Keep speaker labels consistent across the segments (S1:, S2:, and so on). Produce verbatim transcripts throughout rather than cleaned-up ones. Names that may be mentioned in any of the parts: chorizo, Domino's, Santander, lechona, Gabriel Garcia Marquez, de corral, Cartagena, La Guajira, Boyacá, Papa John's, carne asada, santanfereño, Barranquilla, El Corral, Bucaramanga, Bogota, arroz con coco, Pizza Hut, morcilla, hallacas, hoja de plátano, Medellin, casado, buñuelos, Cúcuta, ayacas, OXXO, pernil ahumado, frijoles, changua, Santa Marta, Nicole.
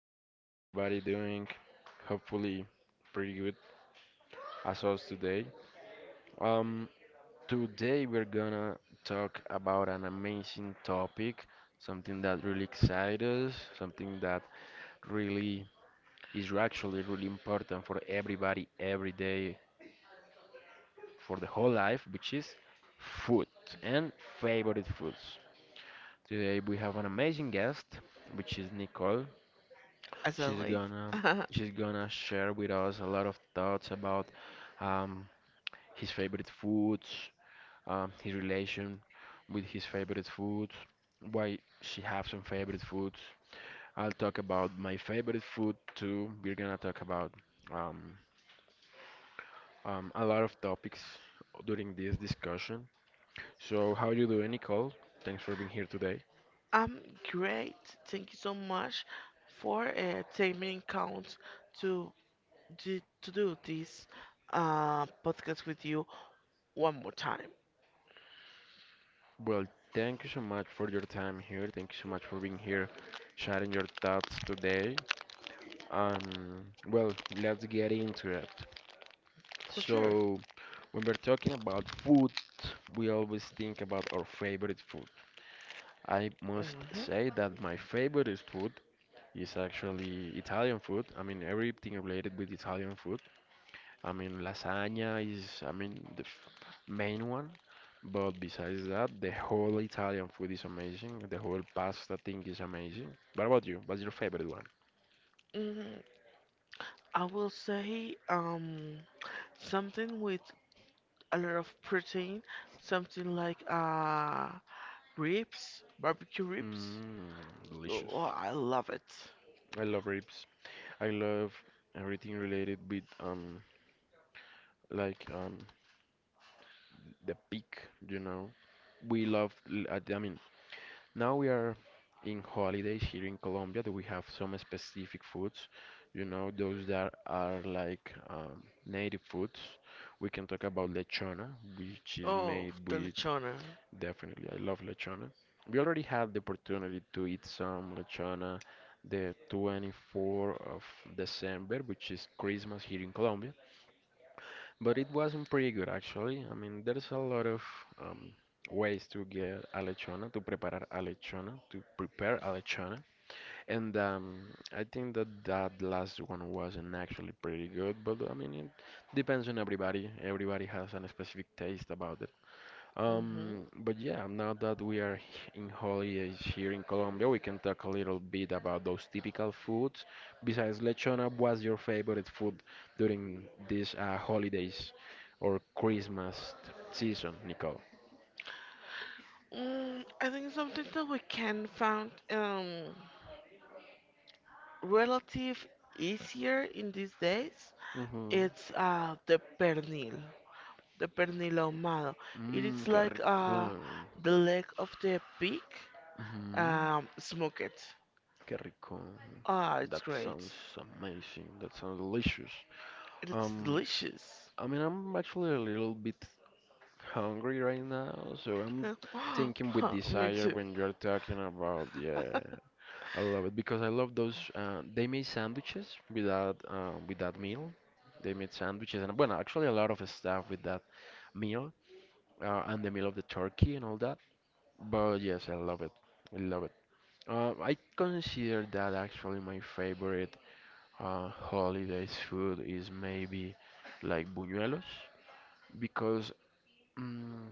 S1: how's everybody doing? Hopefully, pretty good as us today. Um, today we're gonna talk about an amazing topic, something that really excites us, something that really is actually really important for everybody every day for the whole life, which is food and favorite foods. Today we have an amazing guest, which is Nicole. She's gonna she's gonna share with us a lot of thoughts about um, his favorite foods, um, his relation with his favorite foods, why she have some favorite foods. I'll talk about my favorite food too. We're gonna talk about um, um, a lot of topics during this discussion. So how you doing, Nicole? Thanks for being here today.
S2: I'm great. Thank you so much for uh, taking count to do, to do this uh, podcast with you one more time.
S1: Well, thank you so much for your time here. Thank you so much for being here, sharing your thoughts today. Um, well, let's get into it.
S2: For sure.
S1: So, when we're talking about food, we always think about our favorite food. I must
S2: hmm
S1: say that my favorite food is actually Italian food. I mean, everything related with Italian food. I mean, lasagna is, I mean, the f main one. But besides that, the whole Italian food is amazing. The whole pasta thing is amazing. What about you? What's your favorite one?
S2: hmm I will say um something with a lot of protein, something like uh ribs, barbecue ribs.
S1: Hmm, delicious.
S2: Oh, I love it.
S1: I love ribs. I love everything related with um like um the peak, you know. We love l- I I mean, now we are in holidays here in Colombia that we have some specific foods, you know, those that are like um native foods. We can talk about lechona, which is
S2: Oh,
S1: made
S2: the
S1: with.
S2: lechona.
S1: Definitely, I love lechona. We already had the opportunity to eat some lechona the twenty-fourth of December, which is Christmas here in Colombia, but it wasn't pretty good actually. I mean, there's a lot of um, ways to get a lechona, to preparar a lechona, to prepare a lechona, and um, I think that that last one wasn't actually pretty good, but I mean, it depends on everybody. Everybody has a specific taste about the
S2: Mm-hmm.
S1: um, but yeah, now that we are h- in holidays here in Colombia, we can talk a little bit about those typical foods. Besides lechona, what's your favorite food during these uh, holidays or Christmas t- season, Nicole?
S2: Mm, I think something that we can find um relative easier in these days.
S1: Hmm.
S2: It's uh the pernil, the pernil ahumado. It
S1: Mmm,
S2: is
S1: qué
S2: like
S1: rico.
S2: uh the leg of the pig.
S1: Mhm,
S2: Um, smoke it.
S1: qué rico.
S2: Ah, it's
S1: That
S2: great.
S1: sounds amazing. That sounds delicious.
S2: It's
S1: Um,
S2: delicious.
S1: I mean, I'm actually a little bit hungry right now, so I'm thinking with
S2: Me
S1: desire
S2: too.
S1: when you're talking about. Yeah, I love it because I love those. Uh, they made sandwiches with that uh, with that meal. They made sandwiches and well, actually a lot of stuff with that meal uh, and the meal of the turkey and all that. But yes, I love it. I love it. Uh, I consider that actually my favorite uh, holidays food is maybe like buñuelos because. Mm,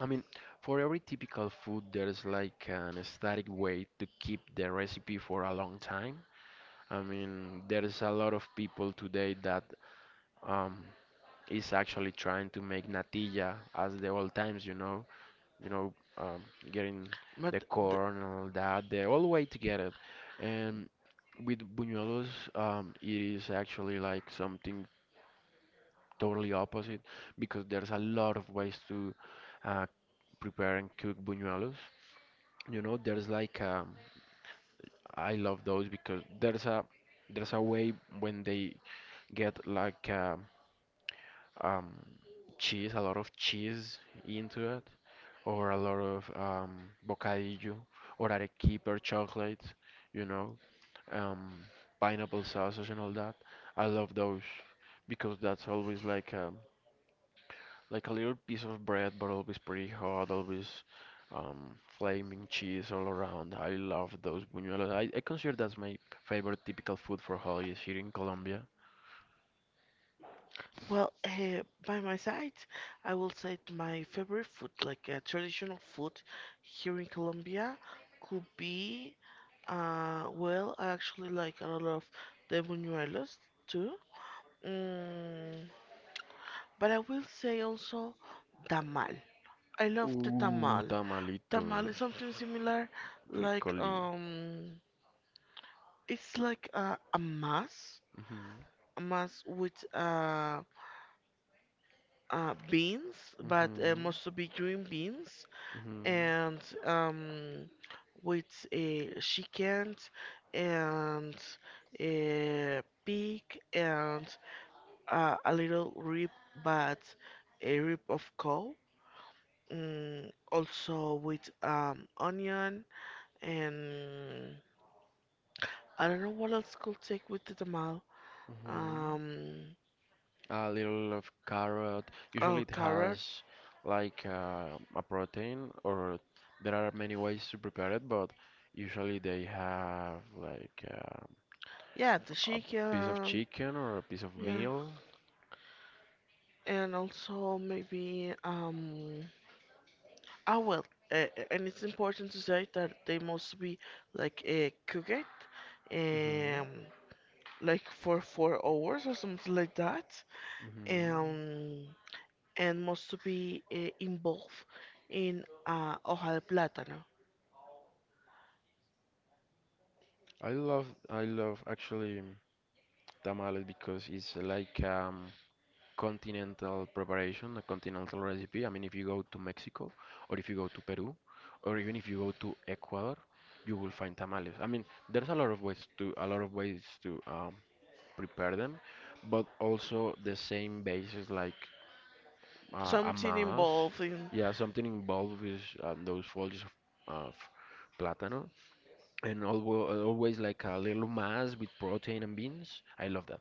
S1: I mean, for every typical food, there's like an static way to keep the recipe for a long time. I mean, there's a lot of people today that um, is actually trying to make natilla as the old times, you know, you know, um, getting the
S2: But
S1: corn and all that, the old way to get it. And with buñuelos, um, it is actually like something totally opposite because there's a lot of ways to uh, prepare and cook buñuelos. You know, there's like um, I love those because there's a there's a way when they get like um, um, cheese, a lot of cheese into it, or a lot of um, bocadillo, or arequipe or chocolate, you know, um, pineapple sausage and all that. I love those because that's always like. um, like a little piece of bread, but always pretty hot, always um, flaming cheese all around. I love those buñuelos. I, I consider that's my favorite typical food for holidays here in Colombia.
S2: well, uh, by my side, I will say that my favorite food, like uh, traditional food here in Colombia, could be, uh, well, I actually like a lot of the buñuelos too. Mm, but I will say also tamal. I love the
S1: Ooh,
S2: tamal. Tamal is
S1: tamalitos.
S2: something similar, like
S1: Ricoli.
S2: um, it's like a, a mass,
S1: Mhm,
S2: a mass with uh, uh, beans, but uh,
S1: mhm,
S2: mostly be green beans,
S1: mhm,
S2: and um, with a chicken and a pig and uh, a little rib, but a rib of cow. Mm, also with um, onion and I don't know what else could take with the tamal.
S1: mhm.
S2: Um,
S1: A little of carrot. Usually
S2: oh,
S1: it
S2: carrot.
S1: has like uh, a protein, or there are many ways to prepare it, but usually they have like. uh,
S2: Yeah, the
S1: a piece of
S2: chicken.
S1: chicken or a piece of
S2: Yeah,
S1: meal.
S2: and also maybe um. Ah, well, uh, and it's important to say that they must be like uh, cooked,
S1: Hmm.
S2: um, like for four hours or something like that,
S1: Hmm.
S2: um, and must to be uh, involved in uh, hoja de plátano.
S1: I love I love actually tamales because it's like um continental preparation, a continental recipe. I mean, if you go to Mexico or if you go to Peru or even if you go to Ecuador, you will find tamales. I mean, there's a lot of ways to a lot of ways to um, prepare them, but also the same basis like uh, a
S2: Something
S1: mass,
S2: involved in,
S1: yeah, something involved with uh, those foliage of, of platano, and always, always like a little mass with protein and beans. I love that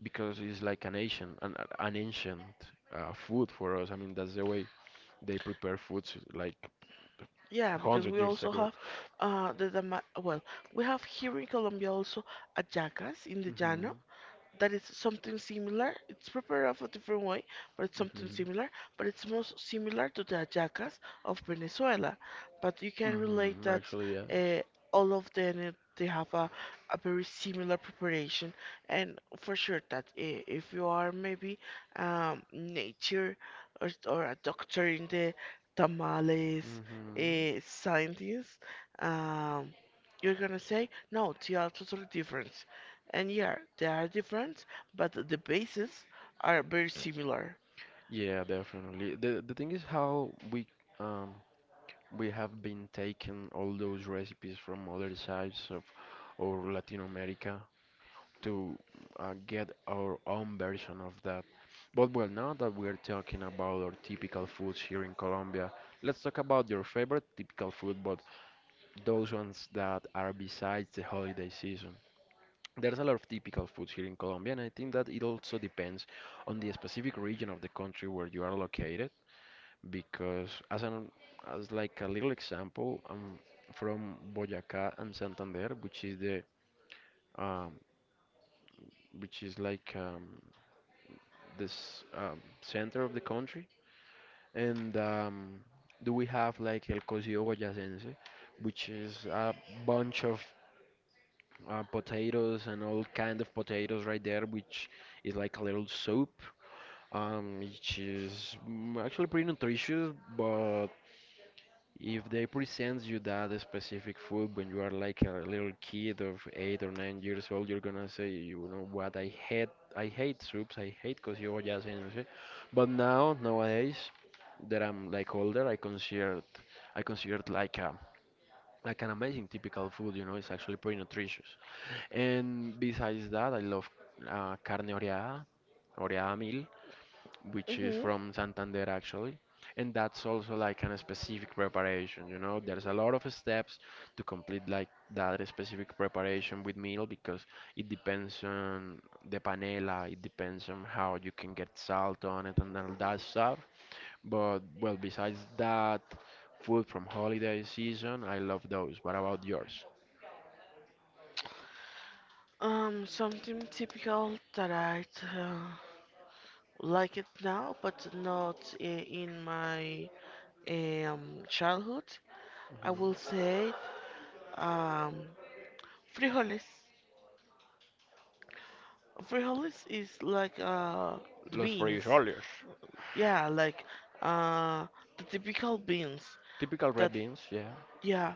S1: because it's like an ancient, an, an ancient uh, food for us. I mean, that's the way they prepare foods like
S2: yeah, because
S1: hundred
S2: we
S1: years
S2: also
S1: ago.
S2: have uh the dama- well, we have here in Colombia also ayacas in the llano,
S1: Mhm,
S2: that is something similar. It's prepared of a different way, but it's something
S1: mhm,
S2: similar. But it's most similar to the hallacas of Venezuela. But you can relate
S1: mhm.
S2: that
S1: Actually, yes.
S2: uh, all of them, uh, they have a, a very similar preparation, and for sure that i- if you are maybe um, nature or, or a doctor in the tamales
S1: Mhm.
S2: uh, scientist, um, you're gonna say no, they are totally different. And yeah, they are different, but the bases are very similar.
S1: Yeah, definitely. The the thing is how we um we have been taking all those recipes from other sides of or Latin America to uh, get our own version of that. But well, now that we're talking about our typical foods here in Colombia, let's talk about your favorite typical food, but those ones that are besides the holiday season. There's a lot of typical foods here in Colombia, and I think that it also depends on the specific region of the country where you are located because as an as like a little example, I'm from Boyacá and Santander, which is the um, which is like um, this um, center of the country, and um, do we have like El Cocido Boyacense, which is a bunch of uh, potatoes and all kind of potatoes right there, which is like a little soup, um, which is mm, actually pretty nutritious, but if they present you that specific food when you are like a little kid of eight or nine years old, you're gonna say, you know what, I hate, I hate soups, I hate cosillas, and so-" But now, nowadays, that I'm like older, I consider, it- I consider it like a, like an amazing typical food. You know, it's actually pretty nutritious. And besides that, I love uh, carne oreada, oreada which is
S2: Hmm
S1: from Santander actually. And that's also like an specific preparation, you know. There's a lot of steps to complete like that specific preparation with meal because it depends on the panela, it depends on how you can get salt on it and all that stuff. But well, besides that, food from holiday season, I love those. What about yours?
S2: Um, something typical that I uh, like it now, but not i- in my um, childhood. I will say um, frijoles. Frijoles is like uh, the
S1: Los
S2: beans.
S1: frijoles,
S2: Yeah, like uh, the typical beans.
S1: typical red
S2: That,
S1: beans, yeah.
S2: yeah,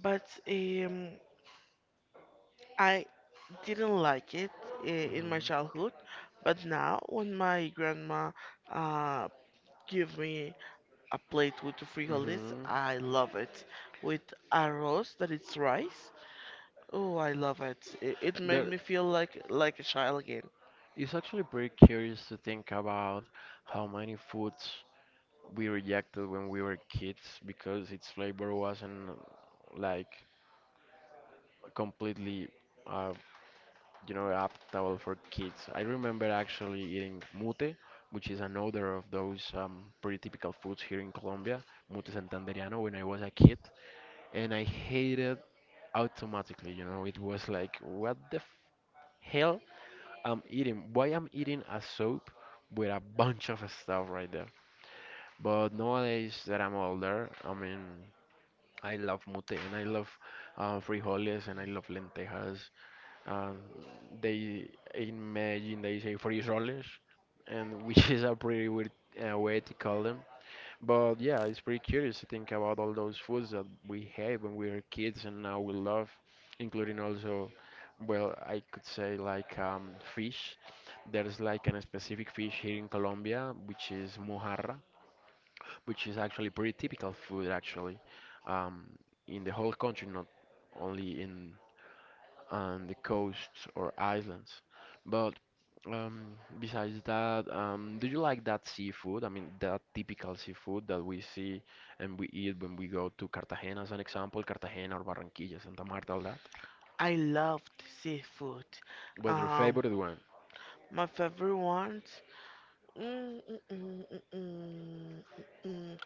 S2: but um, I didn't like it i- in my childhood, but now when my grandma uh, give me a plate with the frijoles,
S1: Mm-hmm.
S2: I love it. With arroz, that it's rice. Oh, I love it. I- It made me feel like like a child again.
S1: It's actually pretty curious to think about how many foods we rejected when we were kids because its flavor wasn't like completely, uh, you know, adaptable for kids. I remember actually eating mute, which is another of those um, pretty typical foods here in Colombia, mute santanderiano, when I was a kid, and I hated automatically. You know, it was like, what the f- hell I'm eating. Why I'm eating a soup with a bunch of stuff right there. But nowadays that I'm older, I mean, I love mute and I love uh, frijoles and I love lentejas. Um, they in Medellin they say frijoles, and which is a pretty weird uh, way to call them. But yeah, it's pretty curious to think about all those foods that we had when we were kids and now we love, including also, well, I could say like um, fish. There's like a specific fish here in Colombia, which is mojarra, which is actually pretty typical food actually, um, in the whole country, not only in and the coasts or islands. But um, besides that, um, do you like that seafood? I mean, that typical seafood that we see and we eat when we go to Cartagena, as an example, Cartagena or Barranquilla, Santa Marta, all that.
S2: I loved seafood.
S1: What's your
S2: Um,
S1: favorite one?
S2: my favorite ones. Mm, mm, mm, mm, mm, mm, mm.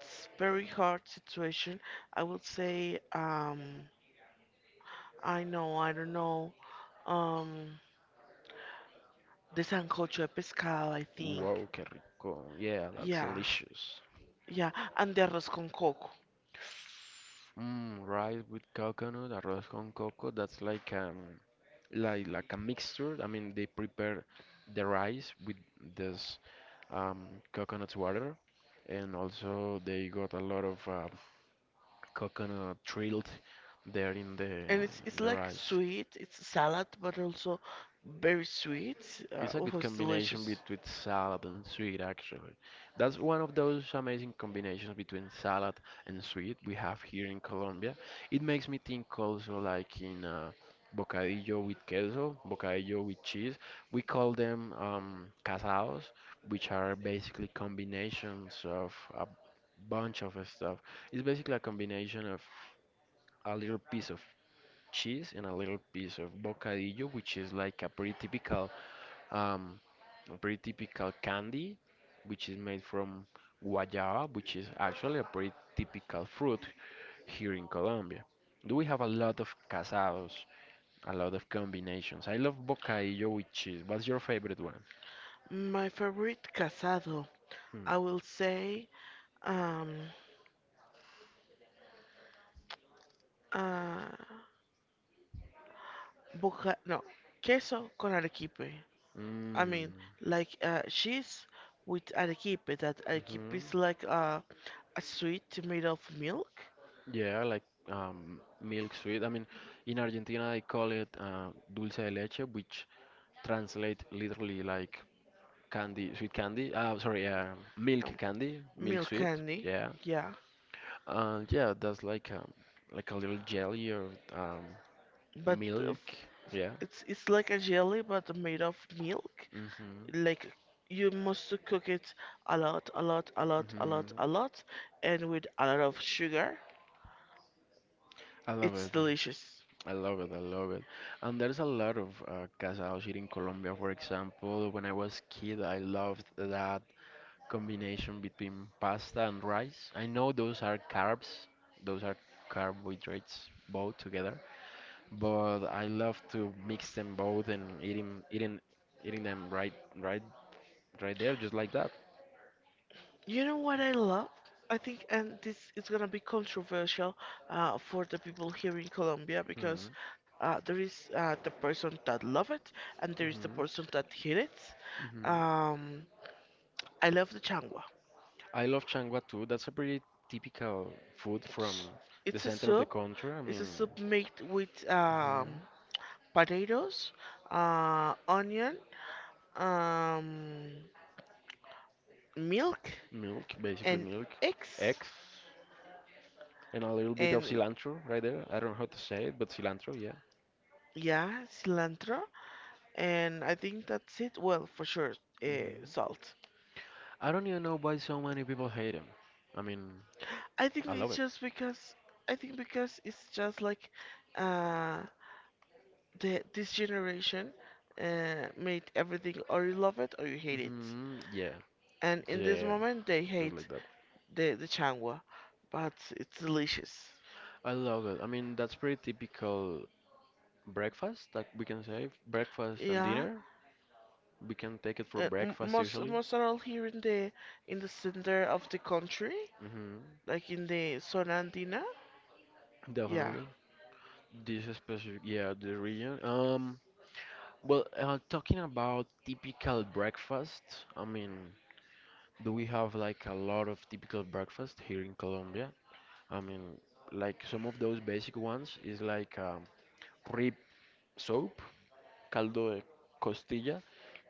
S2: It's very hard situation. I would say, um, I know, I don't know. um the sancocho de pescado, I think.
S1: Wow, qué rico. Yeah, that's
S2: Yeah,
S1: delicious.
S2: yeah, and the arroz con coco.
S1: Mm, rice with coconut, arroz con coco. That's like um, like like a mixture. I mean, they prepare the rice with this um, coconut water, and also they got a lot of uh, coconut drilled there in the
S2: And it's, it's
S1: in the
S2: like
S1: rice.
S2: sweet, it's salad, but also very sweet. Uh,
S1: It's a
S2: oh,
S1: good
S2: it's
S1: combination
S2: delicious.
S1: between salad and sweet, actually. That's one of those amazing combinations between salad and sweet we have here in Colombia. It makes me think also like in uh, bocadillo with queso, bocadillo with cheese. We call them um, casados, which are basically combinations of a bunch of stuff. It's basically a combination of a little piece of cheese and a little piece of bocadillo, which is like a pretty typical um, a pretty typical candy, which is made from guayaba, which is actually a pretty typical fruit here in Colombia. Do we have a lot of casados, a lot of combinations? I love bocadillo with cheese. What's your favorite one?
S2: My favorite casado,
S1: Hmm.
S2: I will say, um, uh, boca, no, queso con arequipe. I mean,
S1: Mm,
S2: like uh, cheese with arequipe. That arequipe
S1: hmm.
S2: is like uh, a sweet made of milk,
S1: Yeah, like um, milk sweet. I mean, in Argentina they call it uh, dulce de leche, which translate literally like candy, sweet candy. Uh, sorry, uh, milk
S2: um,
S1: candy, milk
S2: milk
S1: sweet.
S2: candy.
S1: Yeah,
S2: Yeah.
S1: uh, yeah, that's like a, like a little jelly or um,
S2: But uh,
S1: milk.
S2: f- f-
S1: Yeah.
S2: it's, it's like a jelly, but made of milk.
S1: Mhm.
S2: Like you must to cook it a lot, a lot, a lot, a lot,
S1: Mhm.
S2: a lot, and with a lot of sugar.
S1: I love
S2: It's
S1: it.
S2: delicious.
S1: I love it. I love it. And there's a lot of uh, casados here in Colombia. For example, when I was kid, I loved that combination between pasta and rice. I know those are carbs. Those are carbohydrates both together. But I love to mix them both and eating eating eating them right right right there just like that.
S2: You know what I love? I think, and this is gonna be controversial uh, for the people here in Colombia
S1: Hmm.
S2: because uh, there is uh, the person that love it and there is the
S1: Hmm.
S2: person that hate it.
S1: Hmm.
S2: Um, I love the changua.
S1: I love changua too. That's a pretty typical food from
S2: It's,
S1: the
S2: it's a
S1: center of the
S2: soup.
S1: country. I
S2: It's a
S1: mean,
S2: soup made with um,
S1: mhm,
S2: potatoes, uh, onion, um, milk,
S1: milk, basically
S2: and
S1: milk,
S2: eggs,
S1: eggs, and a little bit of
S2: and
S1: cilantro right there. I don't know how to say it, but cilantro, yeah.
S2: yeah, cilantro. And I think that's it. Well, for sure, uh,
S1: Hmm.
S2: salt.
S1: I don't even know why so many people hate them. I mean,
S2: I think
S1: I love
S2: it's
S1: it.
S2: just because I think because it's just like uh, the, this generation uh, made everything, or you love it or you hate it.
S1: Hmm. Yeah,
S2: And in this
S1: yeah,
S2: moment, they
S1: just like
S2: hate
S1: that.
S2: the the changwa, but it's delicious.
S1: I love it. I mean, that's pretty typical breakfast, like we can say breakfast and
S2: Yeah,
S1: dinner. We can take it for
S2: uh, m-
S1: breakfast
S2: most
S1: usually.
S2: most are all here in the, in the center of the country,
S1: Hmm.
S2: like in the zona andina. Yeah,
S1: Definitely. This specific, yeah, the region. Um, well, uh, talking about typical breakfast, I mean, do we have like a lot of typical breakfast here in Colombia? I mean, like some of those basic ones is like um, rib soup. Caldo de costilla,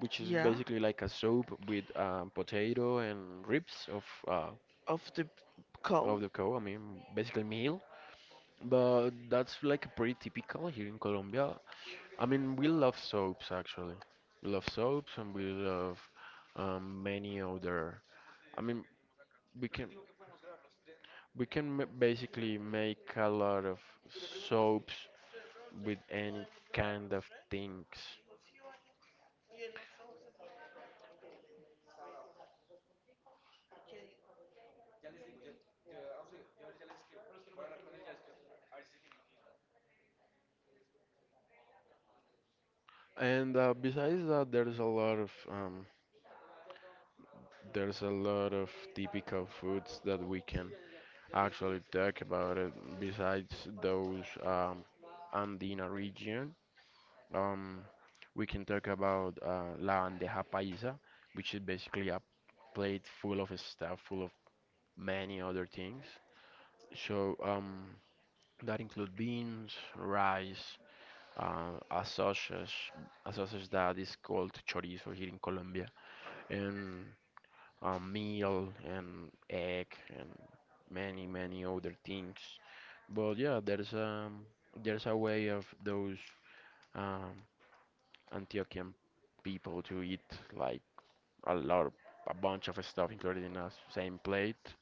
S1: which is
S2: yeah,
S1: basically like a soup with um, potato and ribs of uh,
S2: of the coal.
S1: of the cow. I mean, basically meal. But that's like pretty typical here in Colombia. I mean, we love soaps actually. We love soaps and we love um, many other. I mean, we can we can ma- basically make a lot of soaps with any kind of things. And uh, besides that, there's a lot of um, there's a lot of typical foods that we can actually talk about it besides those um, Andina region. Um, we can talk about uh, la bandeja paisa, which is basically a plate full of stuff, full of many other things. So um, that include beans, rice, uh, a sausage, a sausage that is called chorizo here in Colombia, and uh, meal and egg and many many other things. But yeah, there's um there's a way of those um, Antiochian people to eat like a lot of, a bunch of stuff included in a same plate.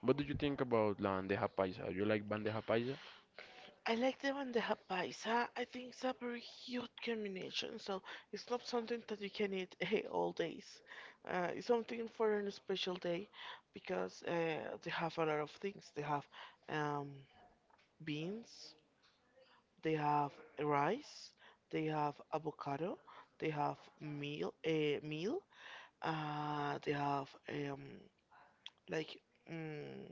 S1: What do you think about la bandeja paisa? You like bandeja paisa?
S2: I like them and the ha- paisa. I think it's a very huge combination, so it's not something that you can eat all days. Uh, it's something for a special day because uh, they have a lot of things. They have um, beans, they have rice, they have avocado, they have meal, a meal, uh, they have um, like mm,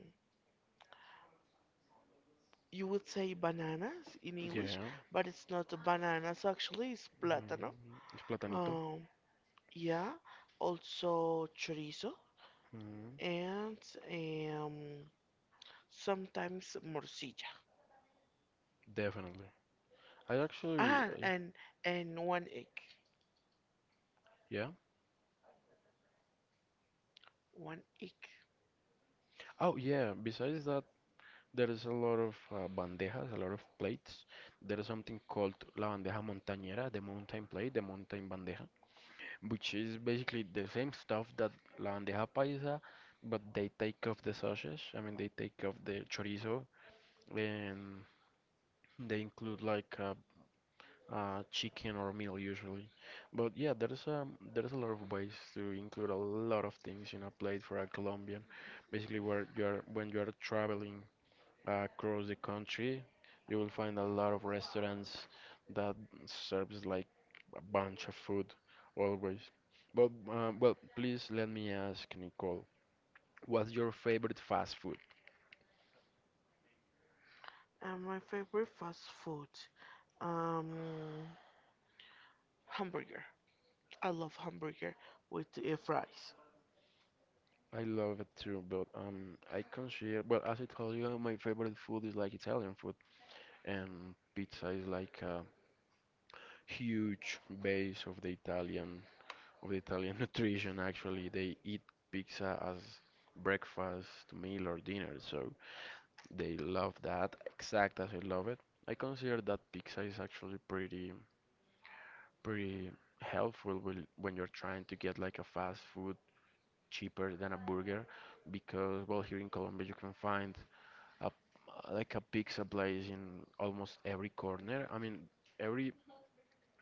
S2: you would say bananas in English,
S1: Yeah.
S2: but it's not bananas actually, it's plátano.
S1: Mhm. It's platanito.
S2: Um, yeah, also chorizo
S1: Mhm.
S2: and um, sometimes morcilla.
S1: Definitely. I actually,
S2: Ah,
S1: I-
S2: and and one egg,
S1: yeah.
S2: one egg.
S1: Oh yeah. Besides that. There is a lot of uh, bandejas, a lot of plates. There is something called la bandeja montañera, the mountain plate, the mountain bandeja, which is basically the same stuff that la bandeja paisa, but they take off the sausage. I mean, they take off the chorizo and they include like uh, uh, chicken or meal usually. But yeah, there is a there is a lot of ways to include a lot of things in a plate for a Colombian. Basically, where you are when you are traveling across the country. You will find a lot of restaurants that serves like a bunch of food always. But um, well, please let me ask Nicole, what's your favorite fast food?
S2: And my favorite fast food. Um, Hamburger. I love hamburger with uh, fries.
S1: I love it too, but um, I consider well, as I told you, my favorite food is like Italian food, and pizza is like a huge base of the Italian of the Italian nutrition. Actually, they eat pizza as breakfast, meal, or dinner. So they love that exact as I love it. I consider that pizza is actually pretty pretty helpful when when you're trying to get like a fast food cheaper than a burger because well here in Colombia you can find a like a pizza place in almost every corner. I mean every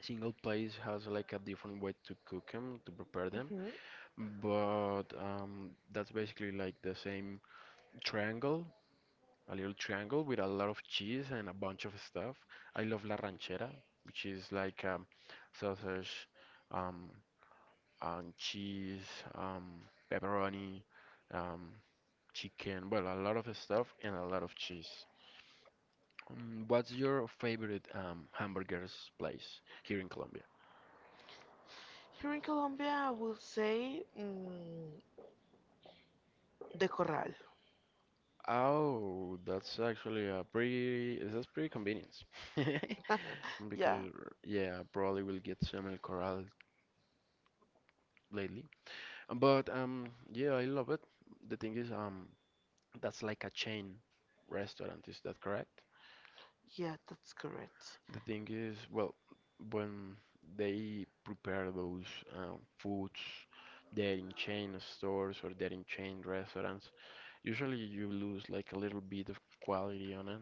S1: single place has like a different way to cook them to prepare them
S2: Hmm
S1: but um, that's basically like the same triangle a little triangle with a lot of cheese and a bunch of stuff. I love la ranchera, which is like um, sausage, um, and cheese, um, pepperoni, um, chicken, well, a lot of stuff and a lot of cheese. Um, what's your favorite um, hamburgers place here in Colombia?
S2: Here in Colombia, I will say mm, de corral.
S1: Oh, that's actually a pretty, that's pretty convenient.
S2: Yeah,
S1: Because yeah, probably will get some El Corral lately. But um, yeah, I love it. The thing is, um, that's like a chain restaurant, is that correct?
S2: yeah, that's correct.
S1: The thing is, well, when they prepare those uh, foods, they're in chain stores or they're in chain restaurants. Usually, you lose like a little bit of quality on it.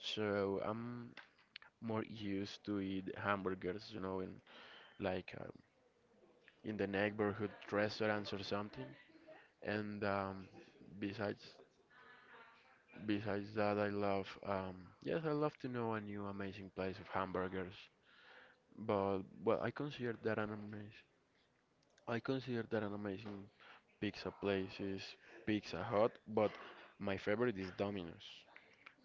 S1: So I'm more used to eat hamburgers, you know, in like uh, in the neighborhood restaurants or something. And um, besides. Besides that, I love, um, yes, I love to know a new amazing place of hamburgers. But well, I consider that an amazing, I consider that an amazing pizza place is Pizza Hut. But my favorite is Domino's.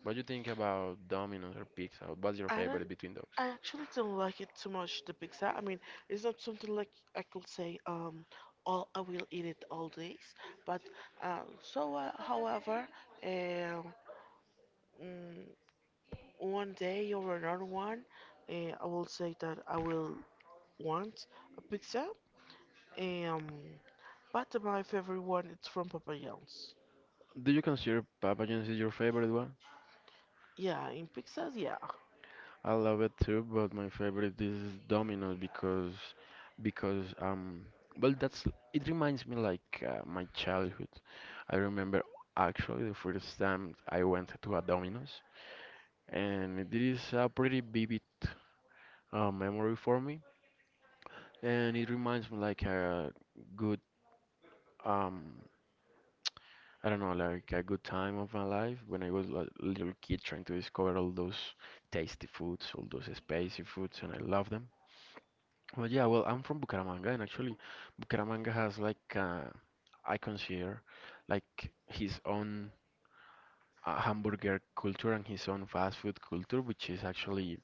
S1: What do you think about Domino's or Pizza Hut? What's your
S2: I don't,
S1: favorite between those?
S2: I actually don't like it too much, the pizza. I mean, it's not something like I could say, um, all I will eat it all days. But um, so, uh, however, uh, mm, one day or another one, uh, I will say that I will want a pizza. Um, Bad Life, everyone, it's from Papa John's.
S1: Do you consider Papa John's is your favorite one?
S2: Yeah, in Pixar, yeah.
S1: I love it too, but my favorite is Domino's because because um well, that's it reminds me like uh, my childhood. I remember actually the first time I went to a Domino's and it is a pretty vivid uh, memory for me and it reminds me like a good, um I don't know, like a good time of my life when I was a little kid trying to discover all those tasty foods, all those spicy foods and I love them. Well, yeah, well, I'm from Bucaramanga, and actually, Bucaramanga has like uh, I consider like his own uh, hamburger culture and his own fast food culture, which is actually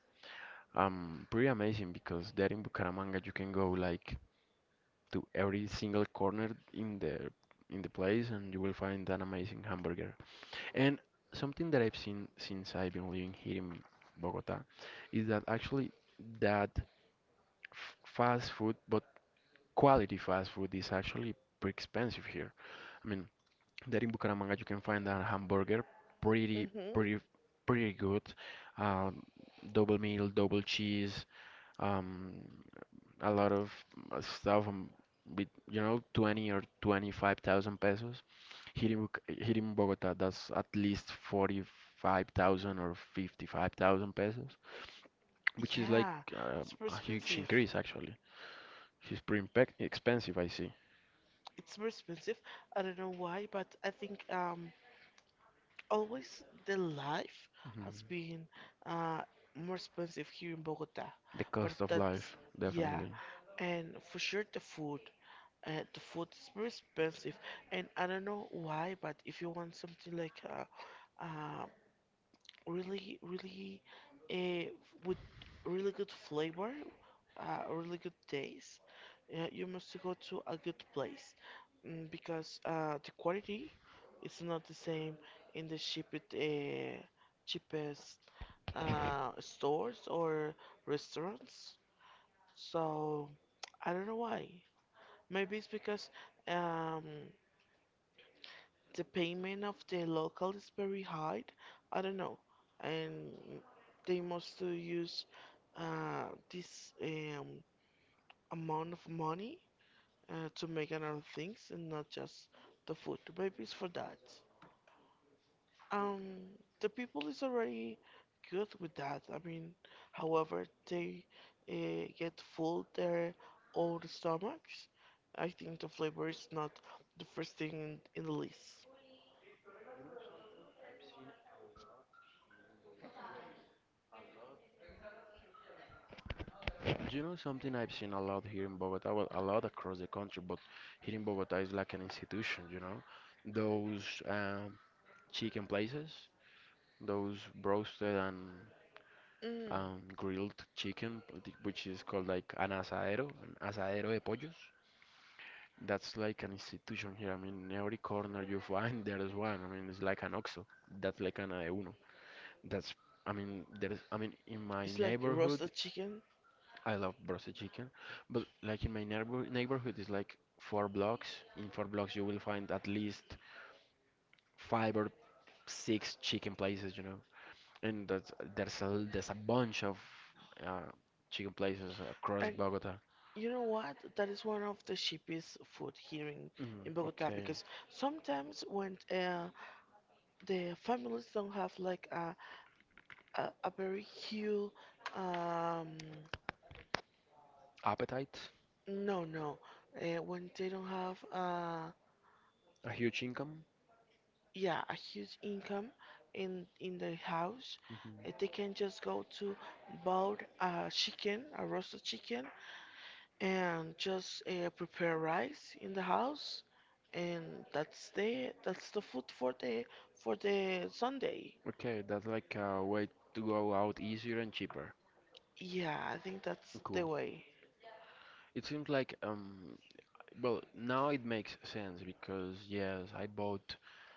S1: um pretty amazing because there in Bucaramanga you can go like to every single corner in the in the place and you will find an amazing hamburger. And something that I've seen since I've been living here in Bogota is that actually that f- fast food, but quality fast food is actually pretty expensive here. I mean, there in Bucaramanga you can find a hamburger pretty,
S2: Mm-hmm.
S1: pretty, pretty good. Um, Double meal, double cheese, um, a lot of uh, stuff um, with, you know, twenty or twenty-five thousand pesos. Here in, Buc- here in Bogota, that's at least forty-five thousand or fifty-five thousand pesos, which is like
S2: Yeah,
S1: uh,
S2: it's very
S1: a huge
S2: expensive.
S1: increase actually. It's pretty impec- expensive, I see.
S2: It's very expensive. I don't know why, but I think um always the life has
S1: Mhm.
S2: been uh more expensive here in Bogota.
S1: The
S2: But
S1: cost of
S2: that's,
S1: life,
S2: yeah,
S1: definitely.
S2: and for sure the food. Uh, the food is very expensive, and I don't know why, but if you want something like a, uh really, really, uh, with really good flavor, uh, really good taste, uh, you must go to a good place, mm, because uh, the quality is not the same in the cheapest, uh, cheapest uh, stores or restaurants. So I don't know why. Maybe it's because um, the payment of the local is very high. I don't know, and they must to use uh, this um, amount of money uh, to make another things and not just the food. Maybe it's for that. Um, the people is already good with that. I mean, however, they uh, get full their own stomachs. I think the flavor is not the first thing in, in the list.
S1: You know something I've seen a lot here in Bogota, well, a lot across the country, but here in Bogota is like an institution, you know? Those um, chicken places, those roasted and
S2: Mm.
S1: um, grilled chicken, th- which is called like an asadero, an asadero de pollos. That's like an institution here. I mean, every corner you find there is one. I mean, it's like an OXXO. That's like an A one. That's I mean, there is, I mean, in my
S2: It's like
S1: neighborhood,
S2: roasted chicken.
S1: I love roasted chicken, but like in my neighbor neighborhood is like four blocks. In four blocks you will find at least five or six chicken places, you know. And that's, there's a there's a bunch of uh, chicken places across
S2: And
S1: Bogota.
S2: you know what? That is one of the cheapest food here in,
S1: Mm,
S2: in Bogota
S1: okay.
S2: because sometimes when uh, the families don't have like a, a, a very huge, um,
S1: Appetite,
S2: no, no, uh, when they don't have, uh,
S1: a huge income.
S2: yeah, a huge income in, in their house, uh,
S1: Hmm.
S2: they can just go to buy a chicken, a roasted chicken, and just uh, prepare rice in the house, and that's the that's the food for the, for the Sunday.
S1: Okay, that's like a way to go out easier and cheaper.
S2: Yeah, I think that's
S1: Cool.
S2: the way.
S1: It seems like um well, now it makes sense because yes, I bought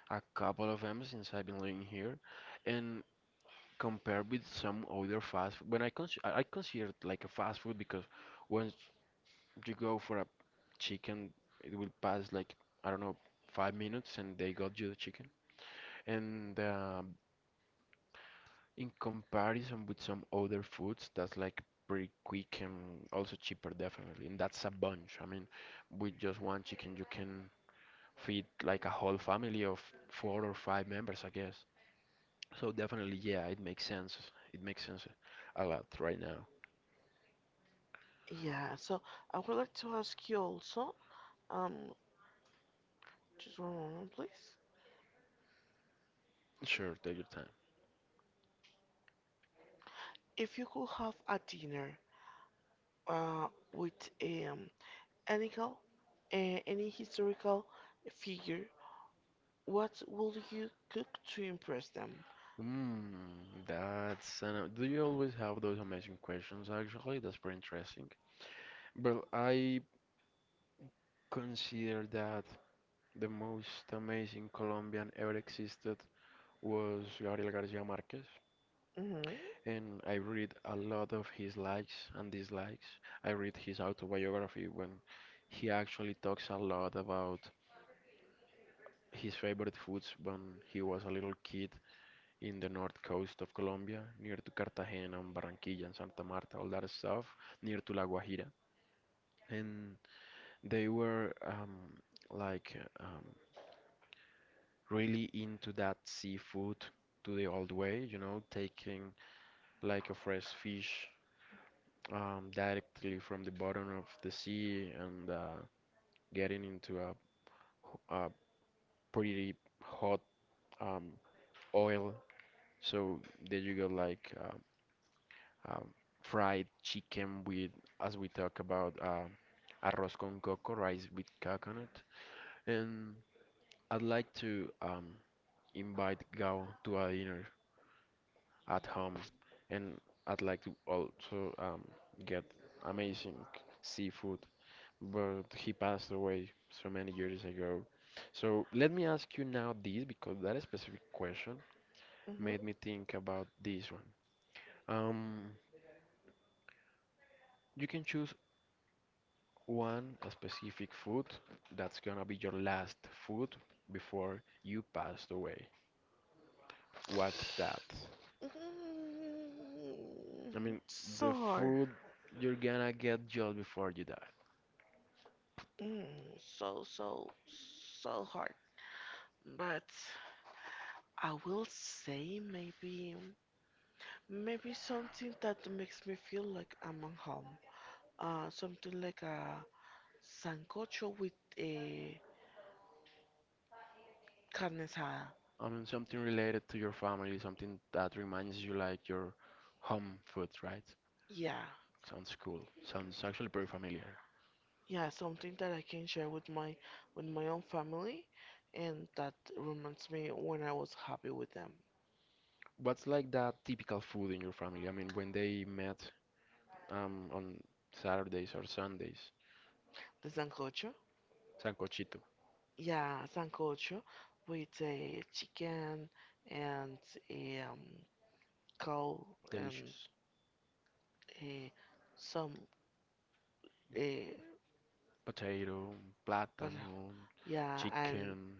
S1: a couple of them since I've been living here, and compared with some other fast food, when I cons I I consider it like a fast food because once you go for a chicken, it will pass like I don't know five minutes and they got you the chicken. And um, in comparison with some other foods, that's like pretty quick and also cheaper, definitely. And that's a bunch. I mean, with just one chicken, you can feed like a whole family of four or five members, I guess. So definitely, yeah, it makes sense. It makes sense a lot right now.
S2: Yeah, so I would like to ask you also, um, just one moment, please.
S1: Sure, take your time.
S2: If you could have a dinner uh, with um, any cal- uh, any historical figure, what will you cook to impress them?
S1: Mm, that's an, do you always have those amazing questions actually? That's pretty interesting. Well, I consider that the most amazing Colombian ever existed was Gabriel Garcia Marquez.
S2: Mm-hmm.
S1: And I read a lot of his likes and dislikes. I read his autobiography when he actually talks a lot about his favorite foods when he was a little kid in the north coast of Colombia, near to Cartagena and Barranquilla and Santa Marta, all that stuff, near to La Guajira. And they were um, like um, really into that seafood to the old way, you know, taking like a fresh fish um, directly from the bottom of the sea and uh, getting into a, h- a pretty hot um, oil. So there you go, like uh, um, fried chicken with, as we talk about, uh, arroz con coco, rice with coconut. And I'd like to um, invite Gao to a dinner at home, and I'd like to also um, get amazing seafood but he passed away so many years ago. So let me ask you now this because that specific question
S2: Mm-hmm.
S1: made me think about this one. Um, you can choose one specific food that's gonna be your last food before you passed away. What's that? I
S2: Mm,
S1: mean, the
S2: so hard.
S1: food you're gonna get just before you die.
S2: Mm, so, so, so hard. But I will say maybe, maybe something that makes me feel like I'm at home. Uh, something like a sancocho with a carne asada.
S1: I mean, something related to your family, something that reminds you like your home food, right?
S2: Yeah,
S1: Sounds cool. Sounds actually pretty familiar.
S2: yeah, something that I can share with my, with my own family, and that reminds me when I was happy with them.
S1: What's like that typical food in your family? I mean, when they met um, on Saturdays or Sundays,
S2: The sancocho.
S1: sancochito,
S2: Yeah, sancocho with a chicken and a um, cow and
S1: delicious.
S2: a some a
S1: Potato,
S2: but
S1: plátano,
S2: yeah, and
S1: chicken,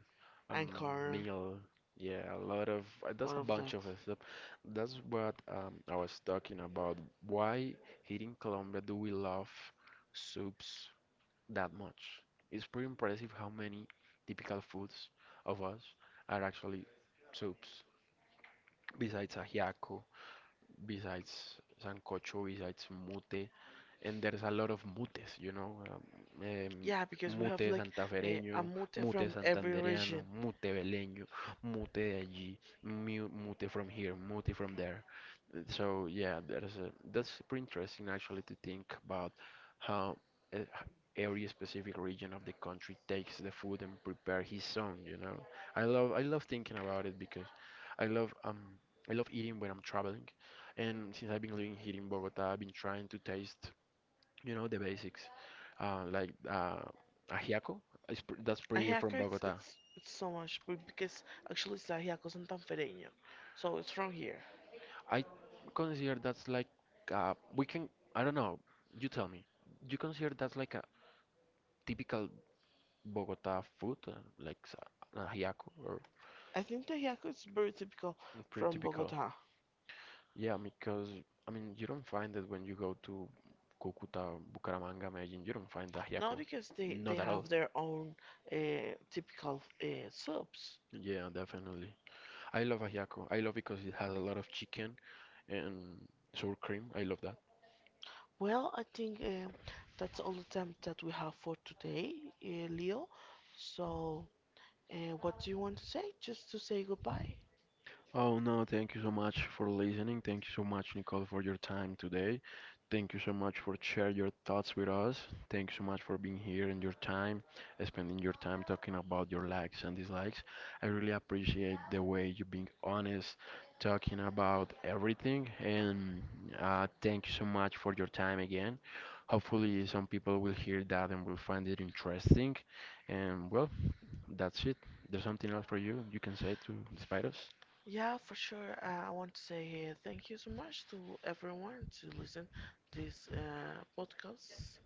S2: and
S1: um,
S2: corn,
S1: meal. Yeah, a lot of uh, that's
S2: all
S1: a
S2: of
S1: bunch
S2: that.
S1: of stuff. That's what um, I was talking about. Why here in Colombia do we love soups that much. It's pretty impressive how many typical foods of us are actually soups, besides ajiaco besides sancocho, besides mute, and there's a lot of mutes, you know, um, em,
S2: Yeah, because we have
S1: mute
S2: like uh, a
S1: santafereño,
S2: mote
S1: mute
S2: from every
S1: santandereano,
S2: region.
S1: mute beleño, mute de allí, mu- mute from here, mute from there. Uh, So yeah, there's a, that's pretty interesting actually to think about how uh, h- every specific region of the country takes the food and prepare his own, you know. I love I love thinking about it because I love um I love eating when I'm traveling and since I've been living here in Bogota, I've been trying to taste, you know, the basics, uh, like uh, ajiaco. It's pr that's
S2: A
S1: pretty from
S2: haircut it's
S1: Bogota.
S2: it's it's so much, but because actually it's a haircut santanfereño, so it's from here.
S1: I consider that's like, uh, we can. I don't know. You tell me. You consider that's like a typical Bogota food, uh, like s- an ajiaco, or
S2: I think the haircut is very typical
S1: Mm, pretty
S2: from
S1: typical?
S2: Bogota.
S1: Yeah, because I mean, you don't find it when you go to Cúcuta, Bucaramanga, Medellin. You don't find
S2: Not
S1: ajiaco.
S2: because they, they
S1: Not at all.
S2: have their own uh, typical uh, subs.
S1: Yeah, definitely. I love ajiaco. I love because it has a lot of chicken and sour cream. I love that.
S2: Well, I think um that's all the time that we have for today, uh, Leo. So, uh, what do you want to say? Just to say goodbye.
S1: Oh no, thank you so much for listening. Thank you so much, Nicole, for your time today. Thank you so much for sharing your thoughts with us. Thank you so much for being here and your time, spending your time talking about your likes and dislikes. I really appreciate the way you being honest, talking about everything. And uh, thank you so much for your time again. Hopefully, some people will hear that and will find it interesting. And well, that's it. There's something else for you you can say to despite us.
S2: Yeah, for sure. Uh, I want to say uh, thank you so much to everyone to listen this uh, podcast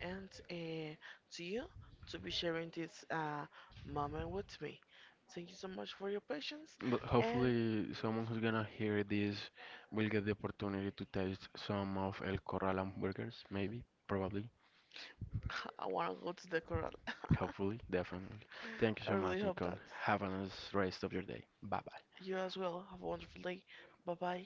S2: and uh, to you to be sharing this uh, moment with me. Thank you so much for your patience
S1: But
S2: and
S1: hopefully, someone who's gonna hear this will get the opportunity to taste some of El Corral hamburgers, maybe, probably,
S2: I want to go to the coral.
S1: hopefully, definitely. Thank you
S2: I
S1: so
S2: really
S1: much,
S2: hope
S1: Nicole.
S2: that
S1: Have a nice rest of your day. Bye bye.
S2: you as well. Have a wonderful day. Bye bye.